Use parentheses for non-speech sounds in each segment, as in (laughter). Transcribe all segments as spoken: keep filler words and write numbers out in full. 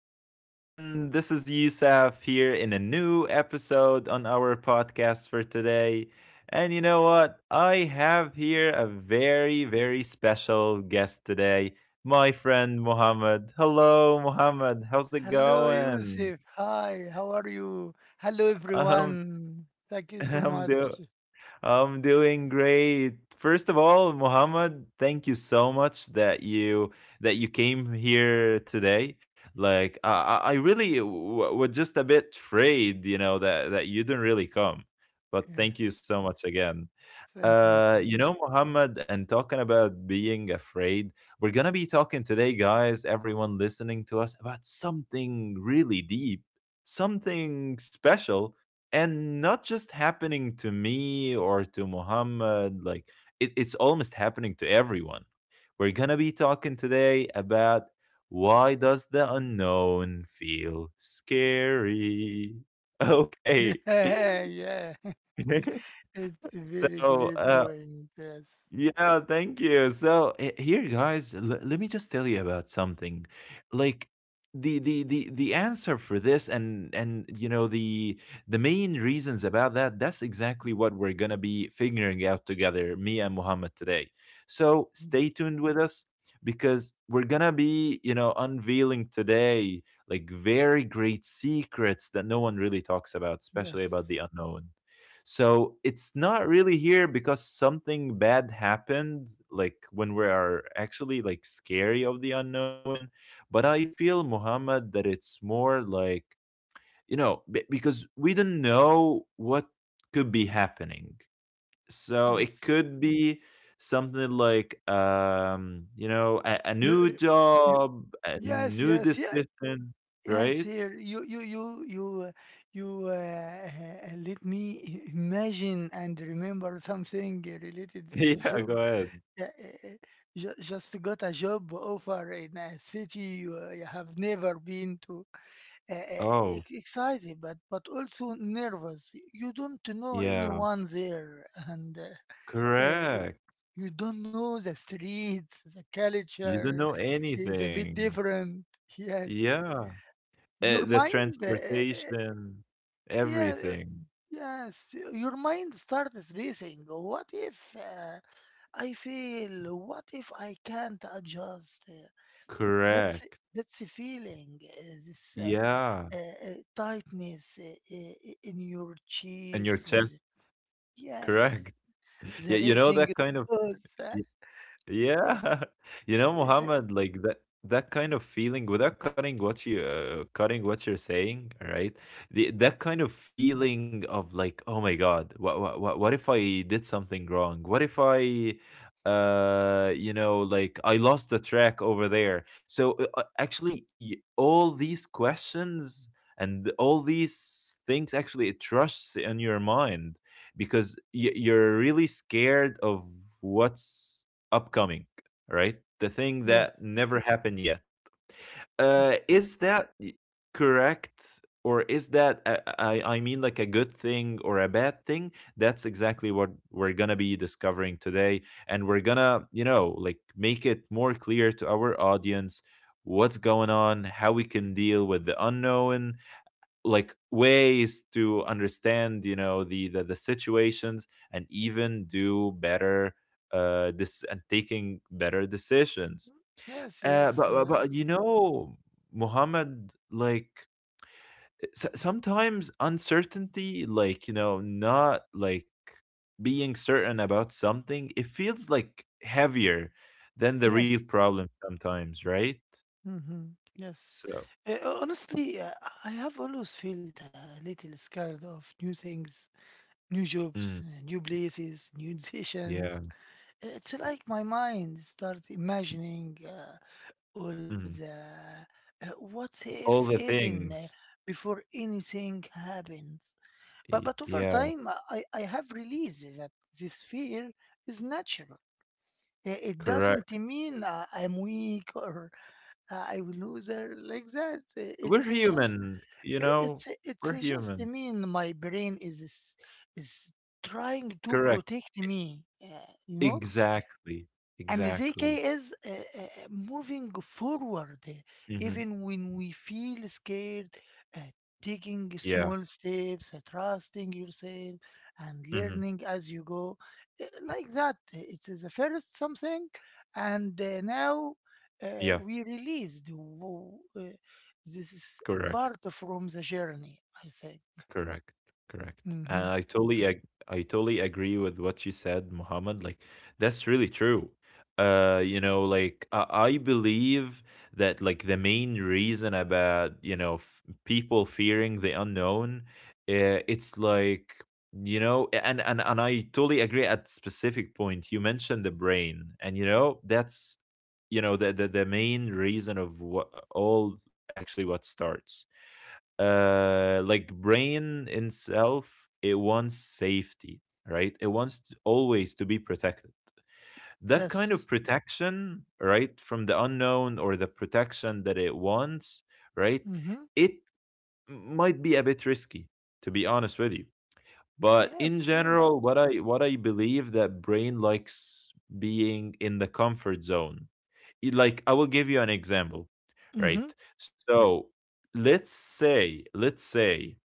back on again. This is Yusuf here in a new episode on our podcast for today. And you know what? I have here a very, very special guest today, my friend Mohammed. Hello, Mohammed. How's it Hello, going? Yusuf. Hi, how are you? Hello, Um, everyone. Thank (laughs) you so I'm doing. much. I'm doing great. First of all, Mohammed, thank you so much that you that you came here today. Like I, I I really w- was just a bit afraid, you know, that that you didn't really come. But thank you Yes, so much again. thank you too. Uh, you know, Muhammad, and talking about being afraid, we're gonna be talking today, guys, everyone listening to us, about something really deep, something special, and not just happening to me or to Muhammad, like it, it's almost happening to everyone. We're gonna be talking today about why does the unknown feel scary? (laughs) (laughs) Okay. Yeah, yeah. (laughs) (laughs) It's a very So great uh, point. Yes. yeah, thank you. So h- here, guys, l- let me just tell you about something. Like the the the the answer for this, and and you know the the main reasons about that. That's exactly what we're gonna be figuring out together, me and Muhammad today. So Mm, stay tuned with us because we're gonna be, you know, unveiling today like very great secrets that no one really talks about, especially about the yes, unknown. So it's not really here because something bad happened, like when we are actually like scary of the unknown. But I feel, Muhammad, that it's more like, you know, be- because we don't know what could be happening. So it yes. could be something like, um, you know, a, a new You. you, job, a yes, new yes, yeah, decision, yes. right? (laughs) Here, you, you, you, you, uh, you. Uh, (laughs) let me imagine and remember something related to the Yeah, job. go ahead. Yeah. Eh, eh, ju- just got a job offer in a city you, uh, you have never been to. Uh, Oh, Excited, but but also nervous. You don't know yeah, anyone there, and uh, uh, y- correct. you don't know the streets. The You don't culture know is a bit anything. different. Yes, Yeah. Eh, your the mind. Uh, eh, eh, transportation, yeah. uh, everything. Yes, your mind starts racing. What if? Uh, I feel, what if I can't adjust? Uh, That's Correct. that's a feeling, uh, this uh, Yeah. uh, uh, tightness uh, uh, uh, in your And your cheese. uh, chest. Yes, Correct. (laughs) Yeah, the you know that racing kind of. goes. uh, uh, Yeah, (laughs) you know, the- Muhammad, like that that kind of feeling without cutting what you uh, cutting what you're saying, right? The that Mm, kind of feeling of like, oh my God, what what what, what if I did something wrong? What if I uh you know like I lost the track over there? So uh, uh, actually, y- all these questions and all these things, actually it rushes in your mind because y- you're really scared of what's upcoming, right? The thing that yes, never happened yet. mhm, Uh, is that y- correct, or is that a- I I mean like a good thing or a bad thing? That's exactly what we're gonna be discovering today, and we're gonna, you know, like make it more clear to our audience what's going on, how we can deal with the unknown, like ways to understand, you know, the the, the situations and even do better uh this and taking better decisions. yes, uh yes, but but, uh, But, you know, Muhammad, like s- sometimes uncertainty, like you know, not like being certain about something, it feels like heavier than the real yes. problem sometimes, right? Mhm. Yes. So Uh, honestly, uh, I have always felt a little scared of new things, new jobs, mm, uh, new places, (laughs) new decisions. yeah. It's like my mind starts imagining uh, all the Mhm. uh, what if All the even uh, things. before anything happens. But but Y- over Yeah. time, I, I I have realized that this fear is natural. Uh, It doesn't Correct. mean uh, I'm weak or uh, I will lose her like that. Uh, It's We're uh, just human, you i- know? it's uh, it's We're uh, just humans. me and my brain is is is trying to Correct. protect me. Uh, you know, Exactly. and Z K Exactly. is uh, uh, uh, moving forward, uh, Mhm. even when we feel scared, uh, taking Yeah. small steps, uh, trusting yourself, and Mhm. learning as you go. Uh, Like that, uh, it is the first something, and uh, now uh, Yeah. we released. W- uh, this is Correct. part from the journey, I think. Correct, correct. And Hmm. I totally ag- I totally agree with what you said, Muhammad. Like that's really true. Uh, you know, like I, I believe that like the main reason about, you know, f- people fearing the unknown, uh, it's like, you know, a- and and and I totally agree at specific point. You mentioned the brain, and you know that's, you know, the the, the main reason of what all actually what starts uh like brain itself, it wants safety, right? It wants to- always to be protected, that kind of Yes. protection, right? From the unknown or the protection that it wants, right? Hmm. It might be a bit risky, to be honest with you, but Yes, in yes. general, what i what I believe, that brain likes being in the comfort zone. Y- like I will give you an example, Mm-hmm. right? So let's say let's say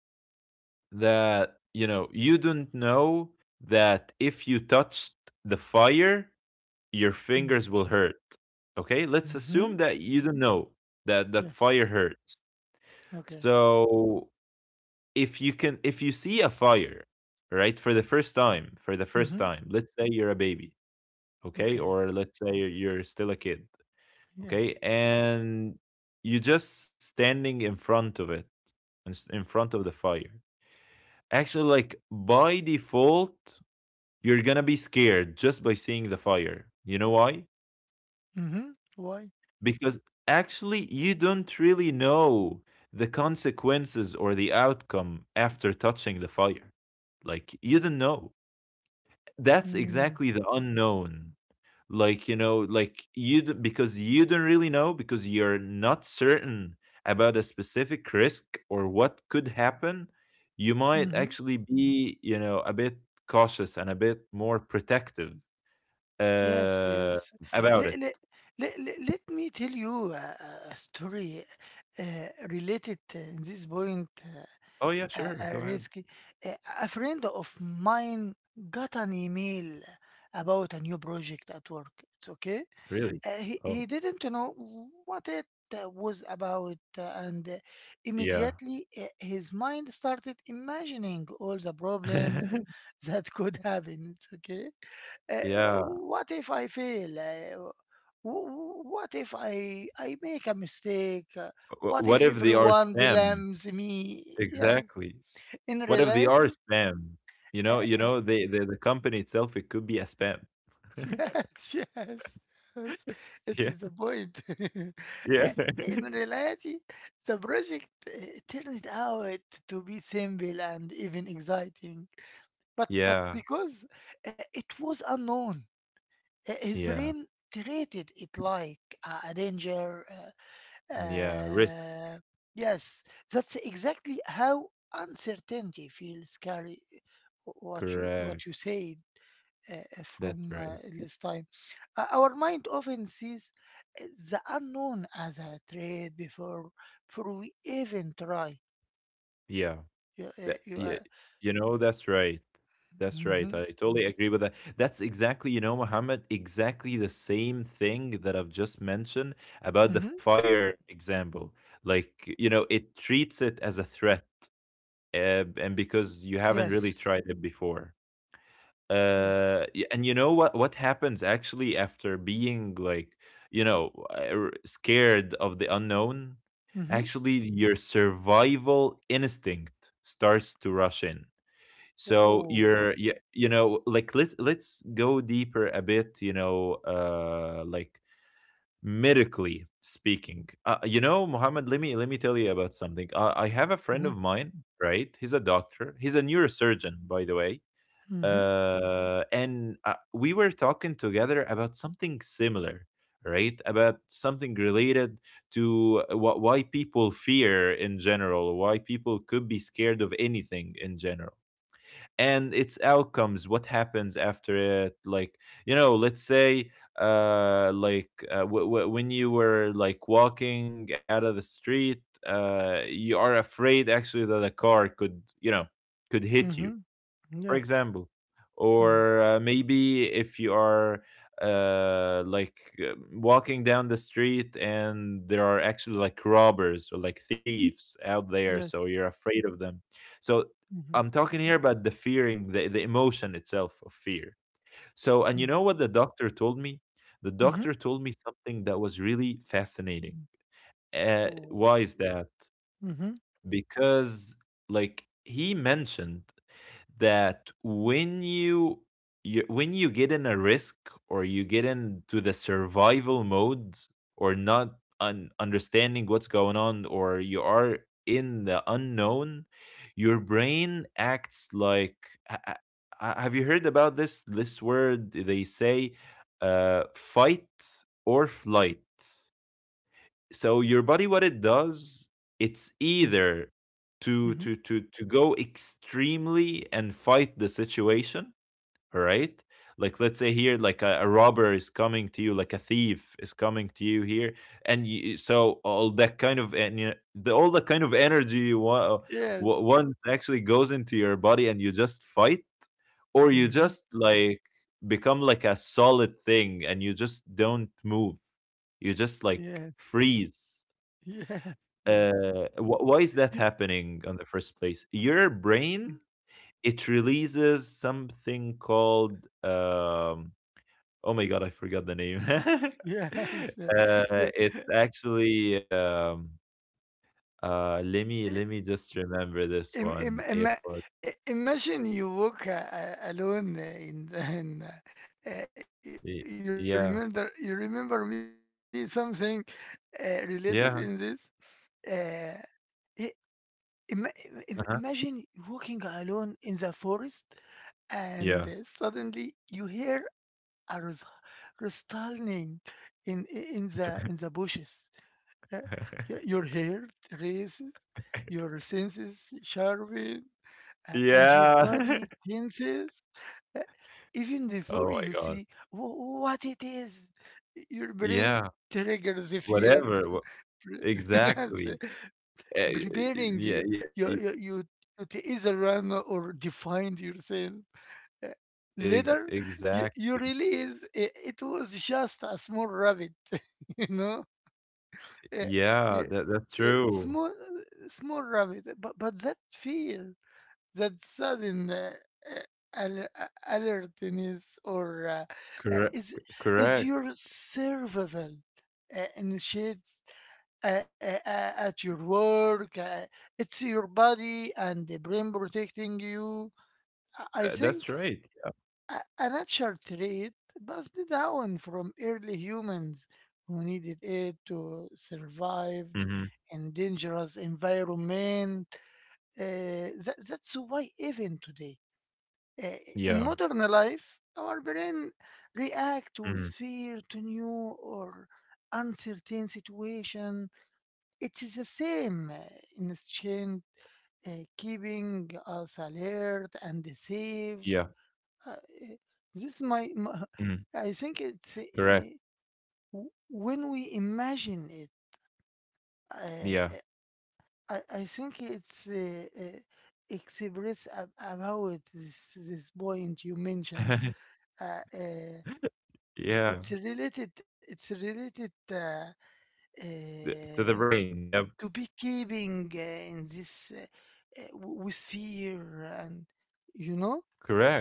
that, you know, you don't know that if you touched the fire, your Mm-hmm. fingers will hurt. Okay, let's Mm-hmm. assume that you don't know that that Yes. fire hurts. Okay. So if you can if you see a fire, right, for the first time for the first Mm-hmm. time, let's say you're a baby, okay, Okay. or let's say you're you're still a kid, okay, Yes. and you just standing in front of it, and s- in front of the fire, actually, like by default, you're gonna be scared just by seeing the fire. You know why? Mm-hmm. Why? Because actually, you don't really know the consequences or the outcome after touching the fire. Like, you don't know. That's Mm, exactly the unknown. Like, you know, like you, d- because you don't really know, because you're not certain about a specific risk or what could happen, you might mm-hmm. actually be, you know, a bit cautious and a bit more protective. Yes, Uh, yes. about it. Let, let, let, let me tell you a, a a story uh, related uh, in this point, "Oh, uh, yeah, sure, uh, go uh, ahead." risky. Uh, a friend of mine got an email about a new project at work. It's okay? "Really? Uh, he, he Oh, didn't know what it uh, was about, uh, and uh, yeah." immediately uh, his mind started imagining all the problems (laughs) (laughs) that could happen. It's okay. uh, Yeah, What if I fail? Uh, wh- wh- what if i i make a mistake? Uh, w What if what if they are everyone spam? blames me? Yes, Exactly. in What if they are reality. spam? You uh, know you uh, know, They. the the company itself, it could be a spam. (laughs) (laughs) Yes, yes, yes. It is Yeah, the point. (laughs) Eh, yeah. In (laughs) reality, the project eh, turned out to be simple and even exciting, but but Yeah, because eh, it was unknown, eh, his yeah, brain treated it like a, a danger. Uh, yeah, risk, uh, yes, that's exactly how uncertainty feels, Carrie. What you what you correct, said uh, uh, that's from uh, right, last time. Uh, our mind often sees uh, the unknown as a threat before, before we even try. yeah. You, uh, That you, Yeah, uh, you know, that's right. That's right. mm-hmm, I totally agree with that. That's exactly, you know, Mohammed, exactly the same thing that I've just mentioned about the mm-hmm. fire example. Like, you know, it treats it as a threat, uh, and because you haven't really Yes, tried it before. yes. Uh, y- and you know what what happens actually after being like, you know, uh, scared of the unknown? Mm-hmm. Actually, your survival instinct starts to rush in. So Oh. you're you, you know, like let's let's go deeper a bit, you know, uh like medically speaking. Uh, you know, Mohammed, let me let me tell you about something. uh, I have a friend of Mm-hmm, mine, right? He's a doctor, he's a neurosurgeon, by the way. mm-hmm, Uh and uh, We were talking together about something similar, right? About something related to what why people fear in general, why people could be scared of anything in general, and its outcomes, what happens after it. Like, you know, let's say uh like uh, w- w- when you were like walking out of the street, uh you are afraid actually that a car could, you know, could hit mm-hmm. you, for Yes. example. Mm. Or uh, maybe if you are uh like uh, walking down the street and there are actually like robbers or like thieves out there, so Yes. you're afraid of them. So Mm-hmm. I'm talking here about the fearing the, the emotion itself of fear. So and you know what the doctor told me? The Mm-hmm. doctor told me something that was really fascinating. Uh, Oh. why is that? Mm-hmm. Because, like, he mentioned that when you, you, when you get in a risk or you get into the survival mode, or not un- understanding what's going on, or you are in the unknown, your brain acts like, ha- ha- ha- have you heard about this this word they say, uh, fight or flight? So your body, what it does, it's either to Mm-hmm. to to to go extremely and fight the situation, all right? Like let's say here like a, a robber is coming to you, like a thief is coming to you here, and you, so all that kind of and you, the all the kind of energy you want, Yes. one actually goes into your body and you just fight, or you Mm-hmm. just like become like a solid thing and you just don't move, you just like Yes. freeze. (laughs) Yes. Yes. You- Uh, wh- why is that happening on the first place? Your brain, it releases something called, um, oh my God, I forgot the name. (laughs) Uh, Yes, (laughs) yeah. it's actually, um, uh, let me You, let me just remember this Im- im- one. It ima- was I- Imagine you walk uh, uh, alone uh, in the- in, uh, uh, you y- remember you yeah, remember me something uh, related in this. yeah, uh, i- ima- im- Imagine uh-huh, walking alone in the forest and uh, yeah. suddenly you hear a rus- rustling in i- in the in the bushes. Uh, y- (laughs) your hair races, your senses sharpen, a- and your Yeah. body tenses uh, even (laughs) before Oh my you God, see wh- what it is. Your brain yeah, triggers the fear, whatever. wh- (laughs) yes, Exactly. Uh, preparing yeah, you, yeah. you, you, you to either run or defend yourself. Uh, Ex, Later, you, exactly. you realize i- it was just a small rabbit, (laughs) you know? Uh, Yeah, you- that that's uh, true. small, Small rabbit, but, but that fear, that sudden uh, uh, al- uh, alertness, or uh, uh, Correct, is is correct. your survival uh, initiates uh, uh, uh, at your work. Uh, it's your body and the brain protecting you. I I Tha that's think right. a, a natural trait passed down from early humans who needed it to survive Mhm. in dangerous environment. Uh, that, that's why even today uh, in Yeah. modern life, our brain react with Mhm. fear to new or uncertain situation. It is the same uh, instinct uh, keeping us alert and safe. Yeah. Uh, uh, this my, my Mhm. (laughs) I think it's uh, Correct. w- when we imagine it. Uh, Yeah. uh, I, I think it's uh, uh, express ab- about this this point you mentioned. (laughs) Uh, uh, Yeah. It's related. It's related uh, Th To uh, the brain. Yep. to beekeeping uh, in this uh, uh, w- with fear and you know, Correct.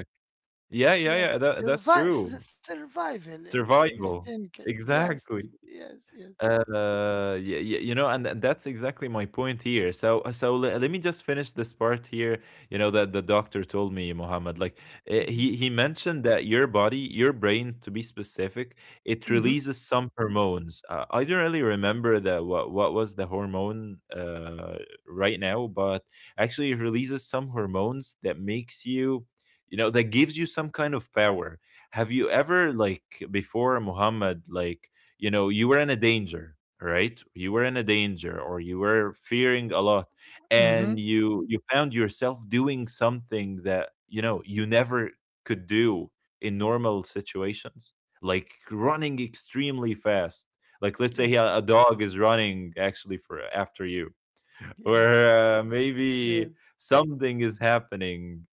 Yeah, yeah, yes, yeah. That that's survive true. s- survival in in Survival. instinct. Yes, Exactly. yes, yes. Uh, yeah, yeah, you know, and th- that's exactly my point here. So, uh, so le- let me just finish this part here. You know that the doctor told me, Mohammed, like, eh, Mm-hmm. he he mentioned that your body, your brain, to be specific, it Mm-hmm. releases some hormones. Uh, I don't really remember the what what was the hormone uh right now, but actually it releases some hormones that makes you. You know, that gives you some kind of power. Have you ever, like, before, Muhammad, like, you know, you were in a danger, right? You were in a danger, or you were fearing a lot, Mm-hmm. and you you found yourself doing something that, you know, you never could do in normal situations, like running extremely fast. Like, let's say Yes. a, a dog is running actually for uh, after you, (laughs) Yes. or uh, maybe Yes. something is happening,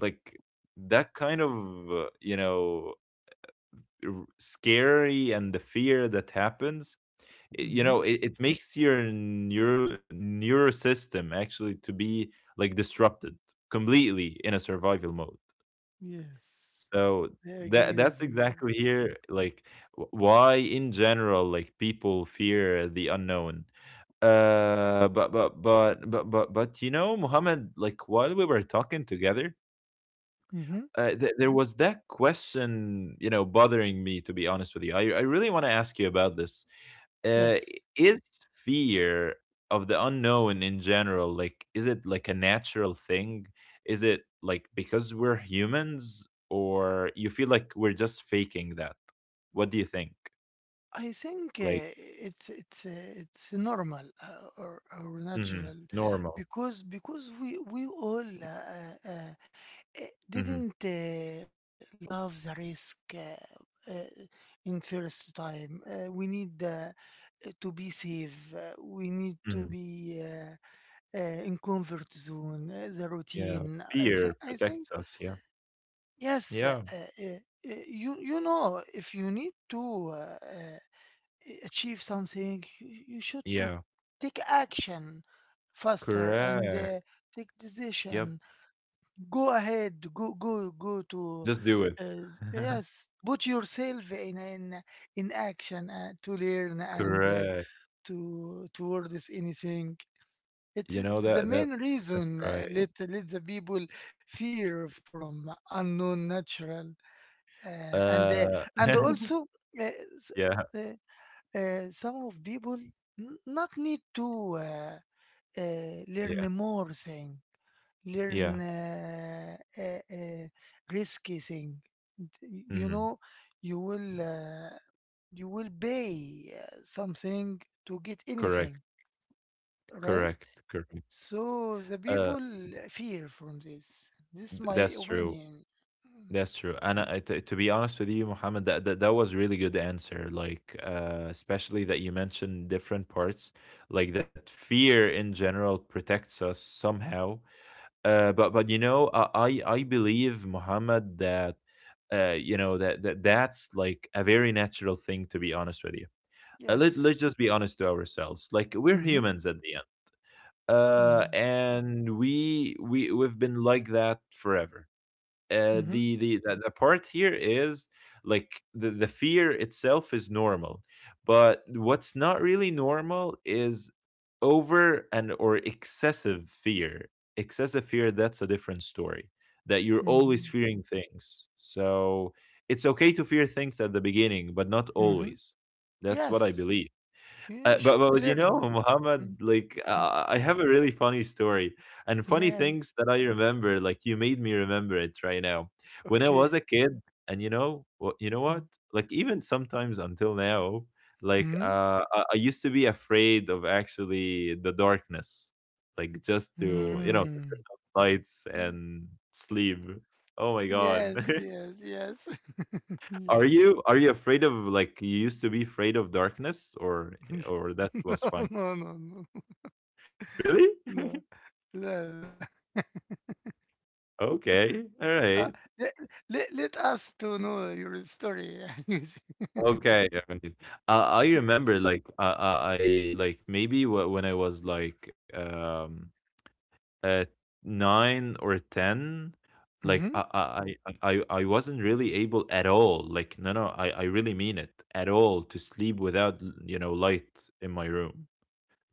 like that kind of, uh, you know r- scary, and the fear that happens. i- you Mm-hmm. know it, it makes your neuro neuro system actually to be, like, disrupted completely, in a survival mode. Yes. So I that agree with that's you. exactly here, like, wh- why, in general, like, people fear the unknown. Uh but but but but but but, you know, Muhammad, like, while we were talking together, Mm-hmm. uh, th- there was that question, you know, bothering me. To be honest with you, I I really want to ask you about this. uh, Yes. is fear of the unknown, in general, like, is it like a natural thing? Is it, like, because we're humans, or you feel like we're just faking that? What do you think? I think Like, uh, it's it's uh, it's normal uh, or, or mhm, natural normal. because because we we all uh, uh, uh, eh, Hmm. didn't uh, love the risk uh, uh, in first time. Uh, we need uh, to be safe. Uh, we need to Hmm. be uh, uh, in comfort zone. Uh, the Yeah, routine. I fear think I think protects us, yeah. yes. Uh, yeah, uh, uh, you you know, if you need to. Uh, achieve something, you, you should to yeah. take action faster and Correct. uh, take Yep. decision. Go ahead, go go go to Just do it. uh, s- (laughs) yes, put yourself in in in action uh, to learn and uh, Correct. to towards anything. It's, you know it's the that that main reason that's right. uh, let let the people fear from unknown natural, uh, and uh, Uh, and (laughs) also uh, yeah, uh, some of people n- not need to uh, uh, learn yeah, more thing, learn yeah. uh, uh, uh, risky thing. D- You Hmm. know, you will uh, you will pay uh, something to get anything, Correct, right? correct, correct. So the Uh, people fear from this. This is th- my that's true. opinion. Mm. That's true. And, I, t- to be honest with you, Mohammed, that, that that was really good answer. Like, uh, especially that you mentioned different parts, like that fear in general protects us somehow. Uh, but but, you know, I I I believe, Mohammed, that, uh, you know, that, that that's like a very natural thing. To be honest with you, uh, let Yes. let's just be honest to ourselves. Like, we're Mm-hmm. humans at the end, uh, Mm-hmm. and we we we've been like that forever. Uh, Mm-hmm. the, the the the part here is, like, the the fear itself is normal, but what's not really normal is over and or excessive fear. Excessive fear, that's a different story. That you're always Mm-hmm. fearing things. So it's okay to fear things at the beginning, but not Mm-hmm. always. That's what I Yes. believe. Uh, You but, should to but you know, (laughs) learn. Muhammad, Mm. like, Mm. uh, I have a really funny story and funny Yes. things that I remember. Like, you made me remember it right now. When I was a Okay. kid, and you know what, you know what? Mm. Like, even sometimes until now, like, Mm-hmm. uh, I, I used to be afraid of actually the darkness, like, just to you know to Mm. turn off lights Y- and sleep. Oh my God. Yes. (laughs) Yes. Yes. (laughs) Yes. Are you are you afraid of, like, you used to be afraid of darkness, (laughs) or or that No. was No. fine? No. No. (laughs) Really? (laughs) No. No. No. Okay. All Uh, right. let, let, let us to know your story. (laughs) Okay. All right. Uh, I remember, like, uh, uh, I like maybe wh- when I was like, um uh nine or ten, like, I Hmm. I I I I wasn't really able at all. Like, no, no, I I really mean it at all, to sleep without, l- you know light in my room.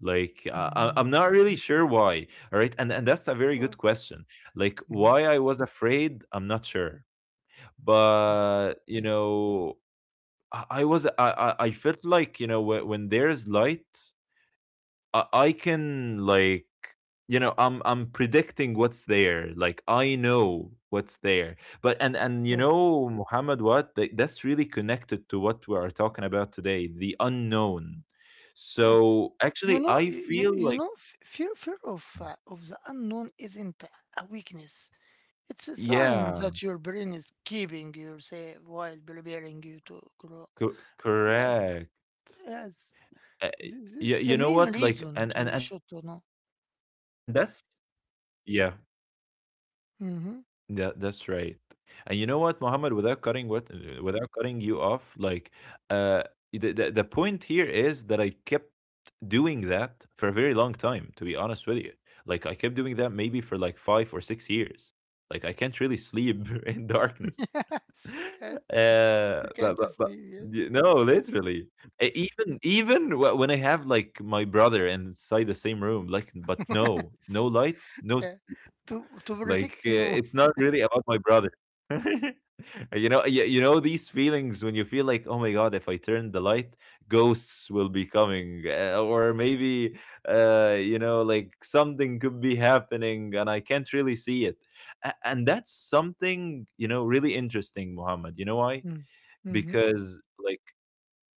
Like, uh, I- Mm-hmm. I'm not really sure why. All right, and and that's a very good question. Like, Mm-hmm. why I was afraid, I'm not sure. But, you know, I, I was I, I I felt like, you know, when, when there's light, I, I can, like, you know, i'm i'm predicting what's there, like, I know what's there. But, and and you Yes. know, Muhammad, what Th- that's really connected to what we are talking about today: the unknown. Yes. So You actually, know. I You, you feel you like, know. f- Fear. Fear of uh, of the unknown isn't a weakness. It's a sign yeah, that your brain is keeping you safe while preparing you to grow. co- Yes, correct. yes. uh, This, this you, is the you know main what, like, reason and to and you and should that's, to know. yeah. Hmm. Yeah, that's right. And you know what, Mohammed, without cutting what uh, without cutting you off, like, uh the, the the point here is that I kept doing that for a very long time, to be honest with you. Like, I kept doing that maybe for like five or six years. Like, I can't really sleep (laughs) in (laughs) darkness. Yes, (laughs) yes. Uh You but can't but, but sleep. Yes. y- no, literally. E- Even even wh- when I have, like, my brother inside the same room, like, but no, (laughs) no lights, no, Yeah. to to like, protect uh, you. it's not really about my brother. (laughs) You know, you, you know these feelings, when you feel like, oh my God, if I turn the light, ghosts will be coming, uh, or maybe, uh, you know, like, something could be happening and I can't really see it. A- And that's something, you know, really interesting, Muhammad. You know why? Mm. Mm-hmm. Because, like,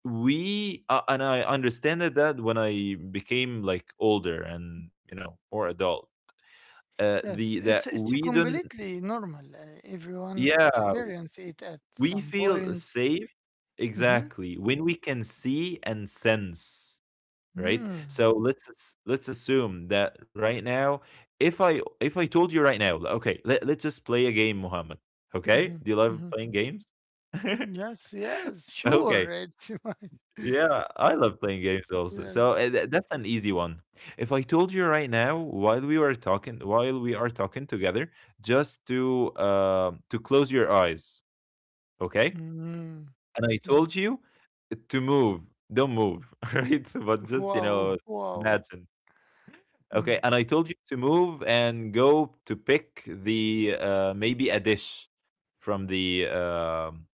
we, uh, and I understand it, that when I became, like, older and, you know, more adult, uh, Yes, the that it's it's we don't... completely normal. Uh, everyone Yeah, experience it at we some feel point. safe. Mm-hmm. Exactly. When we can see and sense, right? Mm-hmm. So, let's as- let's assume that right now, if I if I told you right now, like, okay, let, let's just play a game, Muhammad. Okay? Do you love Mm-hmm. playing games? (laughs) Yes, yes, sure. Okay. It's (laughs) my Yeah, I love playing games also. yes. So, uh, tha- that's an easy one. If I told you right now, while we were talking, while we are talking together, just to um to close your eyes, okay? Mm, And I told yes. you to move. Don't move, (laughs) right? So, but (laughs) just, you know, Wow, wow. imagine. Okay, Mm, and I told you to move and go to pick the, uh, maybe, a dish from the, um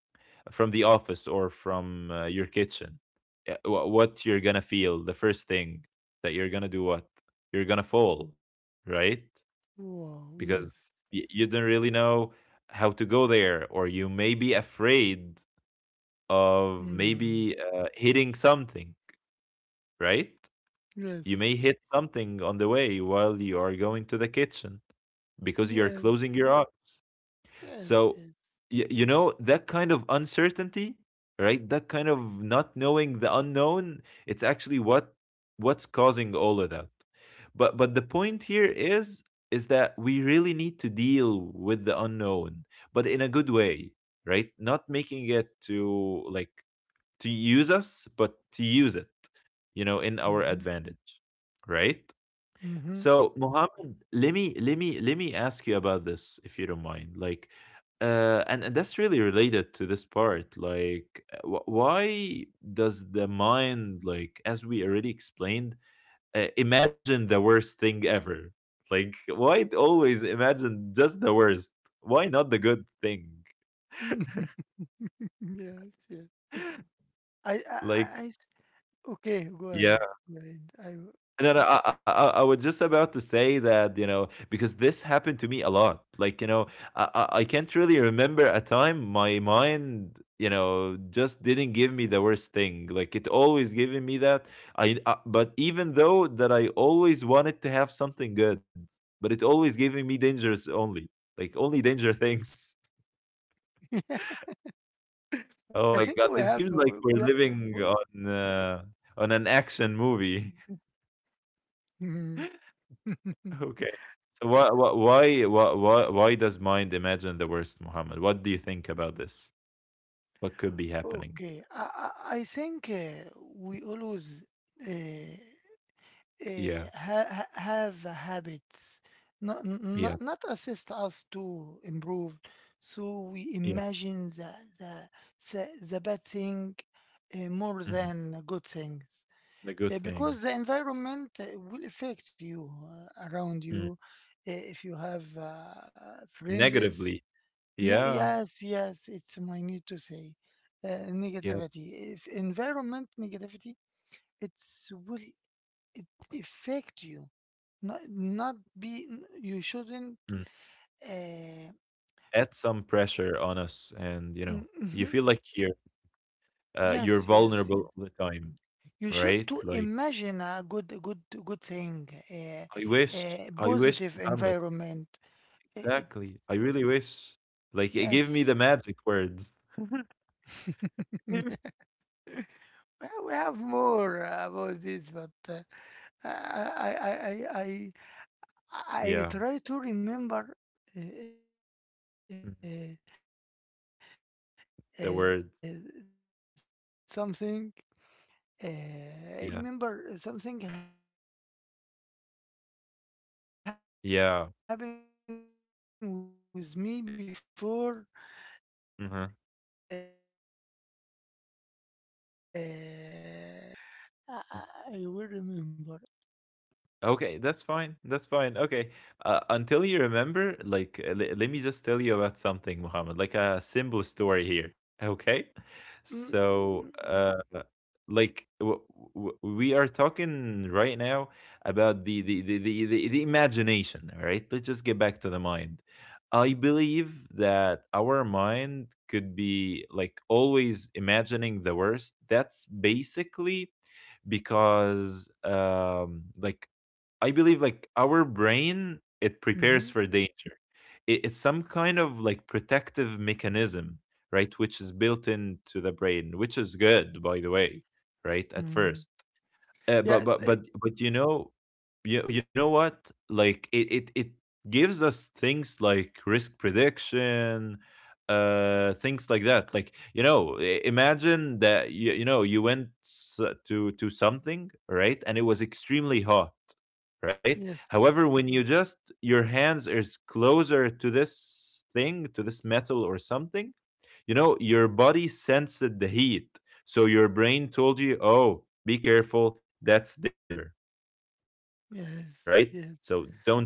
from the office, or from, uh, your kitchen. Yeah, wh- what you're gonna feel? The first thing that you're gonna do? What, you're gonna fall, right? wow, Because, yes. y- you don't really know how to go there, or you may be afraid of Mm, maybe, uh, hitting something, right? You yes. may hit something on the way, while you are going to the kitchen, because you're closing Yes. your eyes. Yes, So, yes. y- you know, that kind of uncertainty, right? That kind of not knowing the unknown, it's actually what what's causing all of that. But but the point here is is that we really need to deal with the unknown, but in a good way, right? Not making it to, like, to use us, but to use it, you know, in our Mm-hmm. advantage, right? Mm-hmm. So, Mohammed, let me let me let me ask you about this, if you don't mind. Like, uh, and and that's really related to this part. Like, uh, wh- why does the mind, like, as we already explained, uh, imagine the worst thing ever? Like, why it always imagine just the worst? Why not the good thing? (laughs) Yes, yes. I, I, I, Like, I s- okay, go yeah. ahead. Go ahead. No, no, I, I, I I was just about to say that, you know, because this happened to me a lot. Like, you know, I, I, I can't really remember a time my mind, you know, just didn't give me the worst thing. Like, it always giving me that. I, uh, but even though that I always wanted to have something good, but it always giving me dangers only, like only danger things. (laughs) I, (laughs) I think we Oh my have, God! It we, seems we, like we're we living on uh, on an action movie. (laughs) mhm. (laughs) Okay. So why why why why why does mind imagine the worst, Muhammad? What do you think about this? What could be happening? Okay, I, I, I think uh, we always uh, Yeah, uh, ha- ha- have habits not, yeah, not not assist us to improve. So we yeah. imagine the the the, the bad thing uh, more Mhm. than good things. The Uh, good Because the things. environment uh, will affect you uh, around you. Mm. Uh, if you have uh, friends. Negatively. Ne- Yeah, Yes, yes, it's my need to say uh, yeah. negativity. If environment negativity, it's will it affect you. Not not be n- you shouldn't. Mm. Uh, Add some pressure on us, and you mm know, you mhm. feel like you're uh, you're Yes, yes, yes. vulnerable all the time, You should right? to Like, imagine a good a good a good thing, a, I wish, a I wish, positive Muhammad. environment. I- Exactly. It's I really wish. Like, eh, give me yes. the magic words. (laughs) (laughs) (laughs) Well, we have more uh, about this, but uh, I, I, I, I, I I Yeah. try to remember uh, uh, uh, Mhm. something. Uh, the It's word. uh, yes, uh, try to remember Yeah. something happened with me before. Uh, Yeah. Now, now I remember it now, but uh, but I, I I I will Mhm. remember. I ha- try to remember. I Mm. Okay, Mm, that's fine. mm, That's mm. fine. Okay. Uh, until you remember, like, uh, le- let me just tell you about something, Muhammad, like a simple story here. (laughs) Okay. Okay. So, uh, like, w- w- we are talking right now about the, the, the, the, the, the imagination. All right. Let's just get back to the mind. I believe that our mind could be like always imagining the worst. That's basically because, um like, I believe, like, our brain, it prepares Mhm, for danger. It, it's some kind of, like, protective mechanism, right? Which is built into the brain, which is good by the way, right? At mhm. first. Uh, but Yes, but I but but you know, you you know what? Like, it it it gives us things like risk prediction, uh, things like that. Like, you know, i- imagine that you you know you went s- to to something, right? And it was extremely hot, right? yes, However, when you just your hands is closer to this thing, to this metal or something, you know your body sensed the heat. So your brain told you, oh, be careful, that's danger, right? So yes, don't yes. touch it.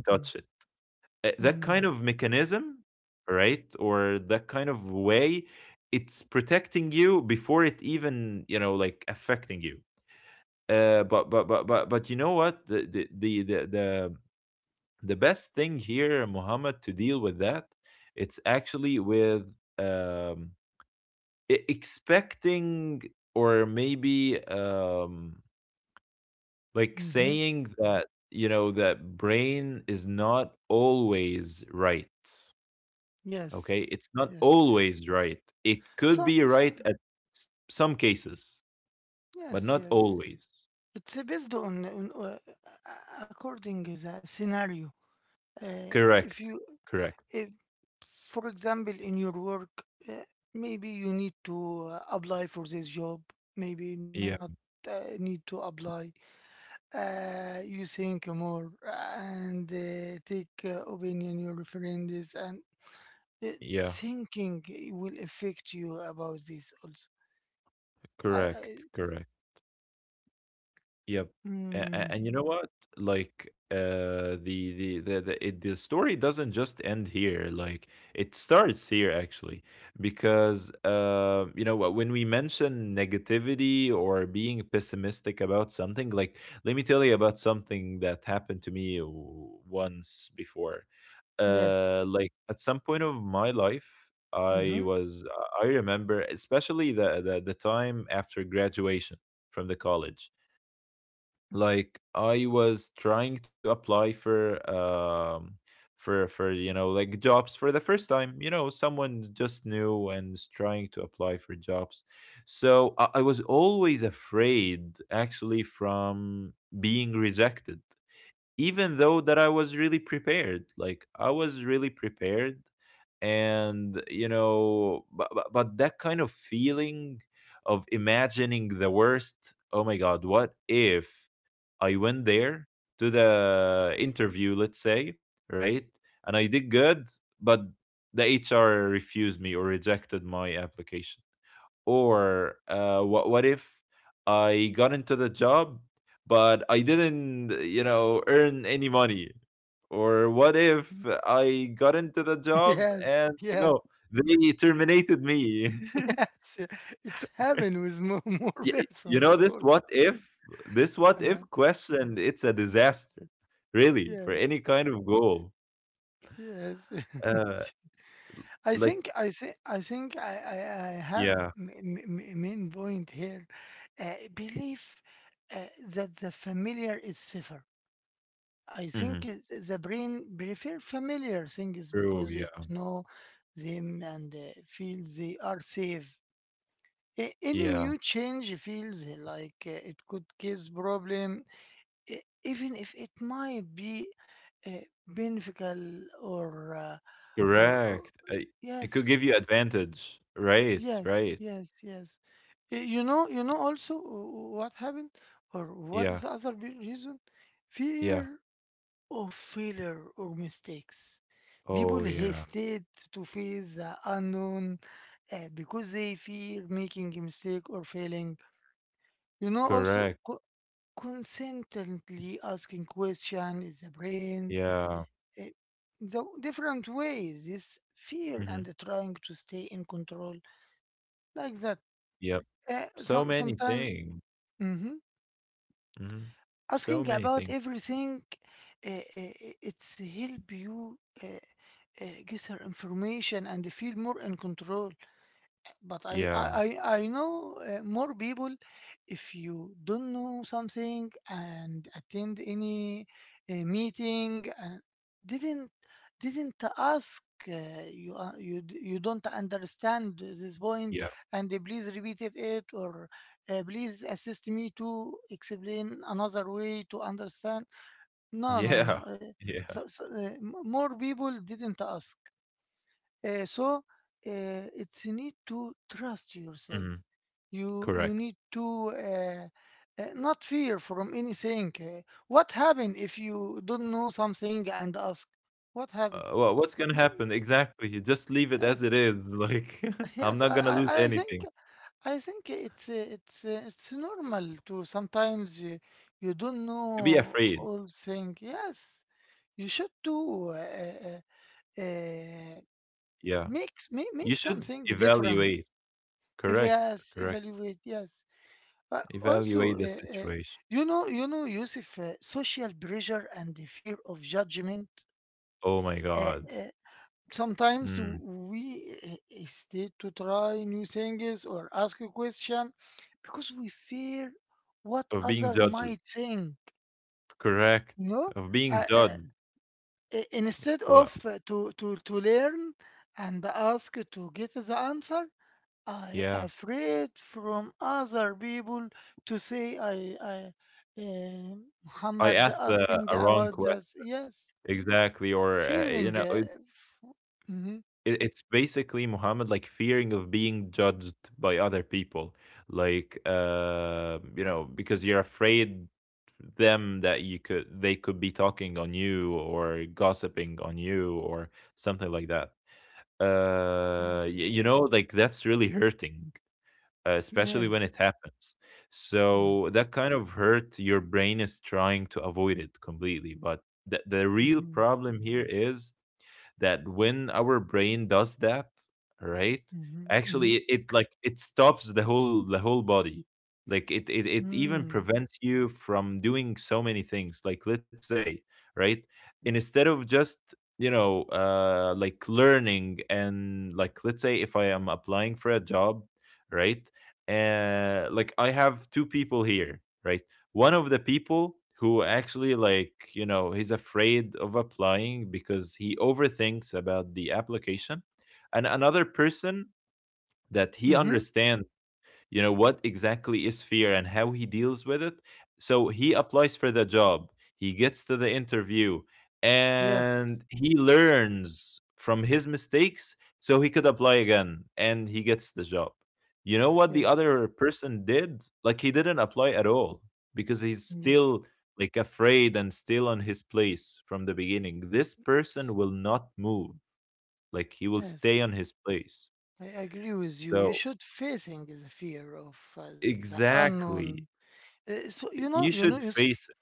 Mm, Uh, that kind of mm, mechanism, right? Or that kind of way, it's protecting you before it even, you know like, affecting you. Uh but but but but but, you know what, the the the the, the the best thing here, Muhammad, to deal with that, it's actually with, um, e- expecting, or maybe, um like mhm. saying that, you know, that brain is not always right. Okay, Yes, it's not yes. always right. It could So be so right at s- some cases, but yes, not yes. always. It's uh, based on on, uh, a- according to the scenario. Uh, if Correct, you, correct. if for example in your work uh, maybe you need to uh, apply for this job, maybe not Yeah, uh, need to apply. Uh, you think more and uh, take uh, opinion your friends and uh, yeah. thinking will affect you about this also. I, I, Correct, correct. Yep. and mm, and you know what? Like, uh, the the the the it the story doesn't just end here, like, it starts here actually, because, uh, you know, wh when we mention negativity or being pessimistic about something, like, let me tell you about something that happened to me w once before. yes. Uh, like, at some point of my life, I Mm-hmm. was uh, I remember especially the the the time after graduation from the college. Like I was trying to apply for um for for you know like jobs for the first time. You know, someone just new and is trying to apply for jobs. So I, I was always afraid actually from being rejected, even though that I was really prepared. Like I was really prepared. And you know, but, but, but that kind of feeling of imagining the worst. Oh my god, what if I went there to the interview, let's say, right? And I did good, but the H R refused me or rejected my application. Or uh, what? What if I got into the job, but I didn't, you know, earn any money? Or what if I got into the (laughs) job Yes. and you Yes. know they terminated me? (laughs) (laughs) Yes, yeah. It's happened with more, (laughs) more Y You person know this before. what if, this what if uh, question, it's a disaster, really, for yes. any kind of goal. Yes. Uh, (laughs) I think like I think I think I I, I have yeah, m- m- m- main point here. Uh, belief uh, that the familiar is safer. I think mhm, it, the brain prefer familiar things true, because yeah, it's know them and uh, feels they are safe. A- Any yeah, new change feels like uh, it could cause problem, e- even if it might be uh, beneficial or, uh, or or correct. I, it could yes. give you advantage, right? Yes, Right. yes, yes. Uh, You know, you Y- know also wh- what happened or what is Yeah, the other big reason? yeah. Fear of failure or mistakes. People Oh (laughs) yeah, hesitate to face the unknown uh, because they fear making a mistake or failing. You know, also correct. co- constantly asking question is the brains Yeah. uh, the different ways is fear Hmm. and trying to stay in control like that. Yep. Uh, So Some many sometimes things. hmm Hmm. So asking many things. about everything, uh, uh, it's help you uh, uh, gather information and feel more in control, but I I Yeah, I I know uh, more people. If you don't know something and attend any uh, meeting and didn't didn't ask, uh, you uh, you d- you don't understand this point, yeah, and they please repeat it it or uh, please assist me to explain another way to understand. No no no. yeah, Uh, (laughs) yeah. So, so, uh, m- more people didn't ask. Uh, so uh, it's need to trust yourself. Hmm. you you Correct. need to uh, uh, not fear from anything. Uh, what happen if you don't know something and ask what Uh, happened? wha what's gonna Mm, happen? Exactly, you just leave it as yes. it is, (laughs) like, (laughs) (laughs) I'm Yes. not i gonna i lose I think anything. I think it's uh, it's uh, it's normal to sometimes you, you don't know To be afraid, all thing. Yes, you should do uh, uh, uh, yeah. make, make You make should something different. evaluate. If Correct, yes, correct. evaluate. Yes. Uh, also, Evaluate the uh, uh, situation. you know, you know, Yusuf, uh, social pressure and the fear of judgment. Oh my Uh, god. uh, Sometimes Mm. we uh, uh, stay to try new things or ask a question because we fear what Of being other judged. might think. Correct. You know, Of uh, being uh, judged. i- instead But of uh, to to to learn and ask to get the answer, I yeah, afraid from other people to say I I uh, I Muhammad asked the asking a wrong about question. this. Yes, Exactly, or uh, you fearing. know, Uh, f- mhm, it, it's basically Muhammad, like, fearing of being judged by other people, like uh, you know, because you're afraid them that you could they could be talking on you or gossiping on you or something like that. mm. Uh, y- you know, like that's really hurting, uh, especially Yes. when it happens. Mm, So that kind of hurt, your brain is trying to avoid it completely, but. The, the real mhm, problem here is that when our brain does that, right? mhm, Actually, mhm, it, it like it stops the whole the whole body. Like it, it it even mm, prevents you from doing so many things. Like let's say, right? And instead of just you know uh like learning. And like let's say if I am applying for a job, right? Uh like I have two people here, right? One of the people who actually, like, you know, he's afraid of applying because he overthinks about the application. And another person that he mhm. understands, you know, what exactly is fear and how he deals with it. So he applies for the job, he gets to the interview, Yes. and he learns from his mistakes, so he could apply again and he gets the job. You know what the Yes. other person did? Like, he didn't apply at all because he's Yes. still like afraid and still on his place. From the beginning, this person Yes. will not move. Like, he will Yes. stay on his place. I agree with you. You So should facing the fear of uh, the unknown. exactly, Uh, so you know, you you know, should Yusuf. face it.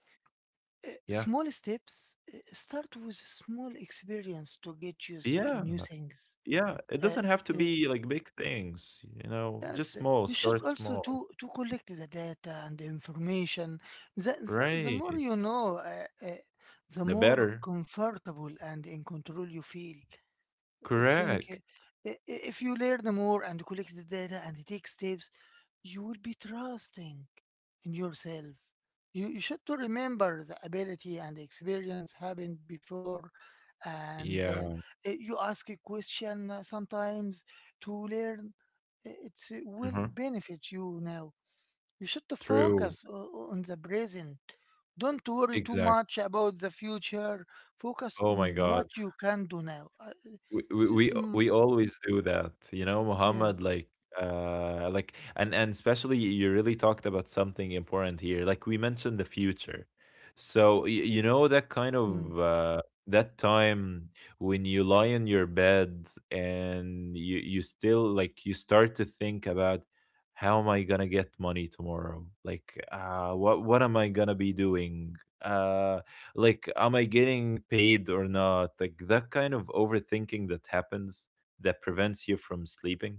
Uh, Yeah. Small steps. uh, Start with small experience to get used to Yeah, new things. yeah. It Uh, doesn't have to uh, be like big things, you know, yes, just uh, small, you should start also to small. to collect the data and the information. The, the, the more Right. you know, uh, uh, the The more better. comfortable and in control you feel. I think Correct. uh, i- I- if you learn more and collect the data and take steps, you will be trusting in yourself. You, you should to remember the ability and experience happened before, and uh, Yeah. i- you ask a question uh, sometimes to learn. uh, It's uh, will Mhm. benefit you now. You should to True. focus o- on the present. Don't worry too Exact. much about the future. Focus Oh my on god. what you can do now. I- we we we This, we mm, always do that, you know, Muhammad, yes. like uh like. And and especially, you really talked about something important here. Like we mentioned the future. So y- you know that Mm. kind of uh that time when you lie in your bed and you you still like you start to think about how am I gonna get money tomorrow. Like uh what what am I gonna be doing? Uh, like, am I getting paid or not? Like that kind of overthinking that happens, that prevents you from sleeping.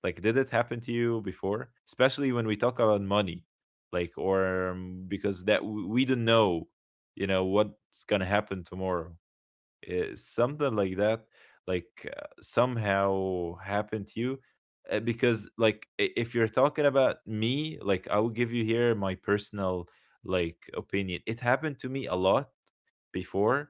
Like, did it happen to you before, especially when we talk about money? Like, or um, because that w- we don't know, you know, what's gonna happen tomorrow, uh, something like that. Like, uh, somehow happened to you. Uh, because, like, i- if you're talking about me, like, I will give you here my personal like opinion. It happened to me a lot before,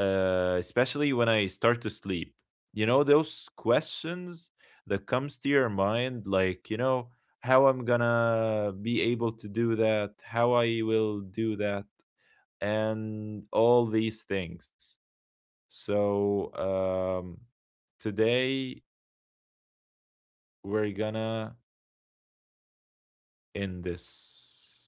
uh, especially when I start to sleep. You know those questions that comes to your mind, like, you know, how I'm gonna be able to do that, how I will do that, and all these things. So, um, today we're gonna end this.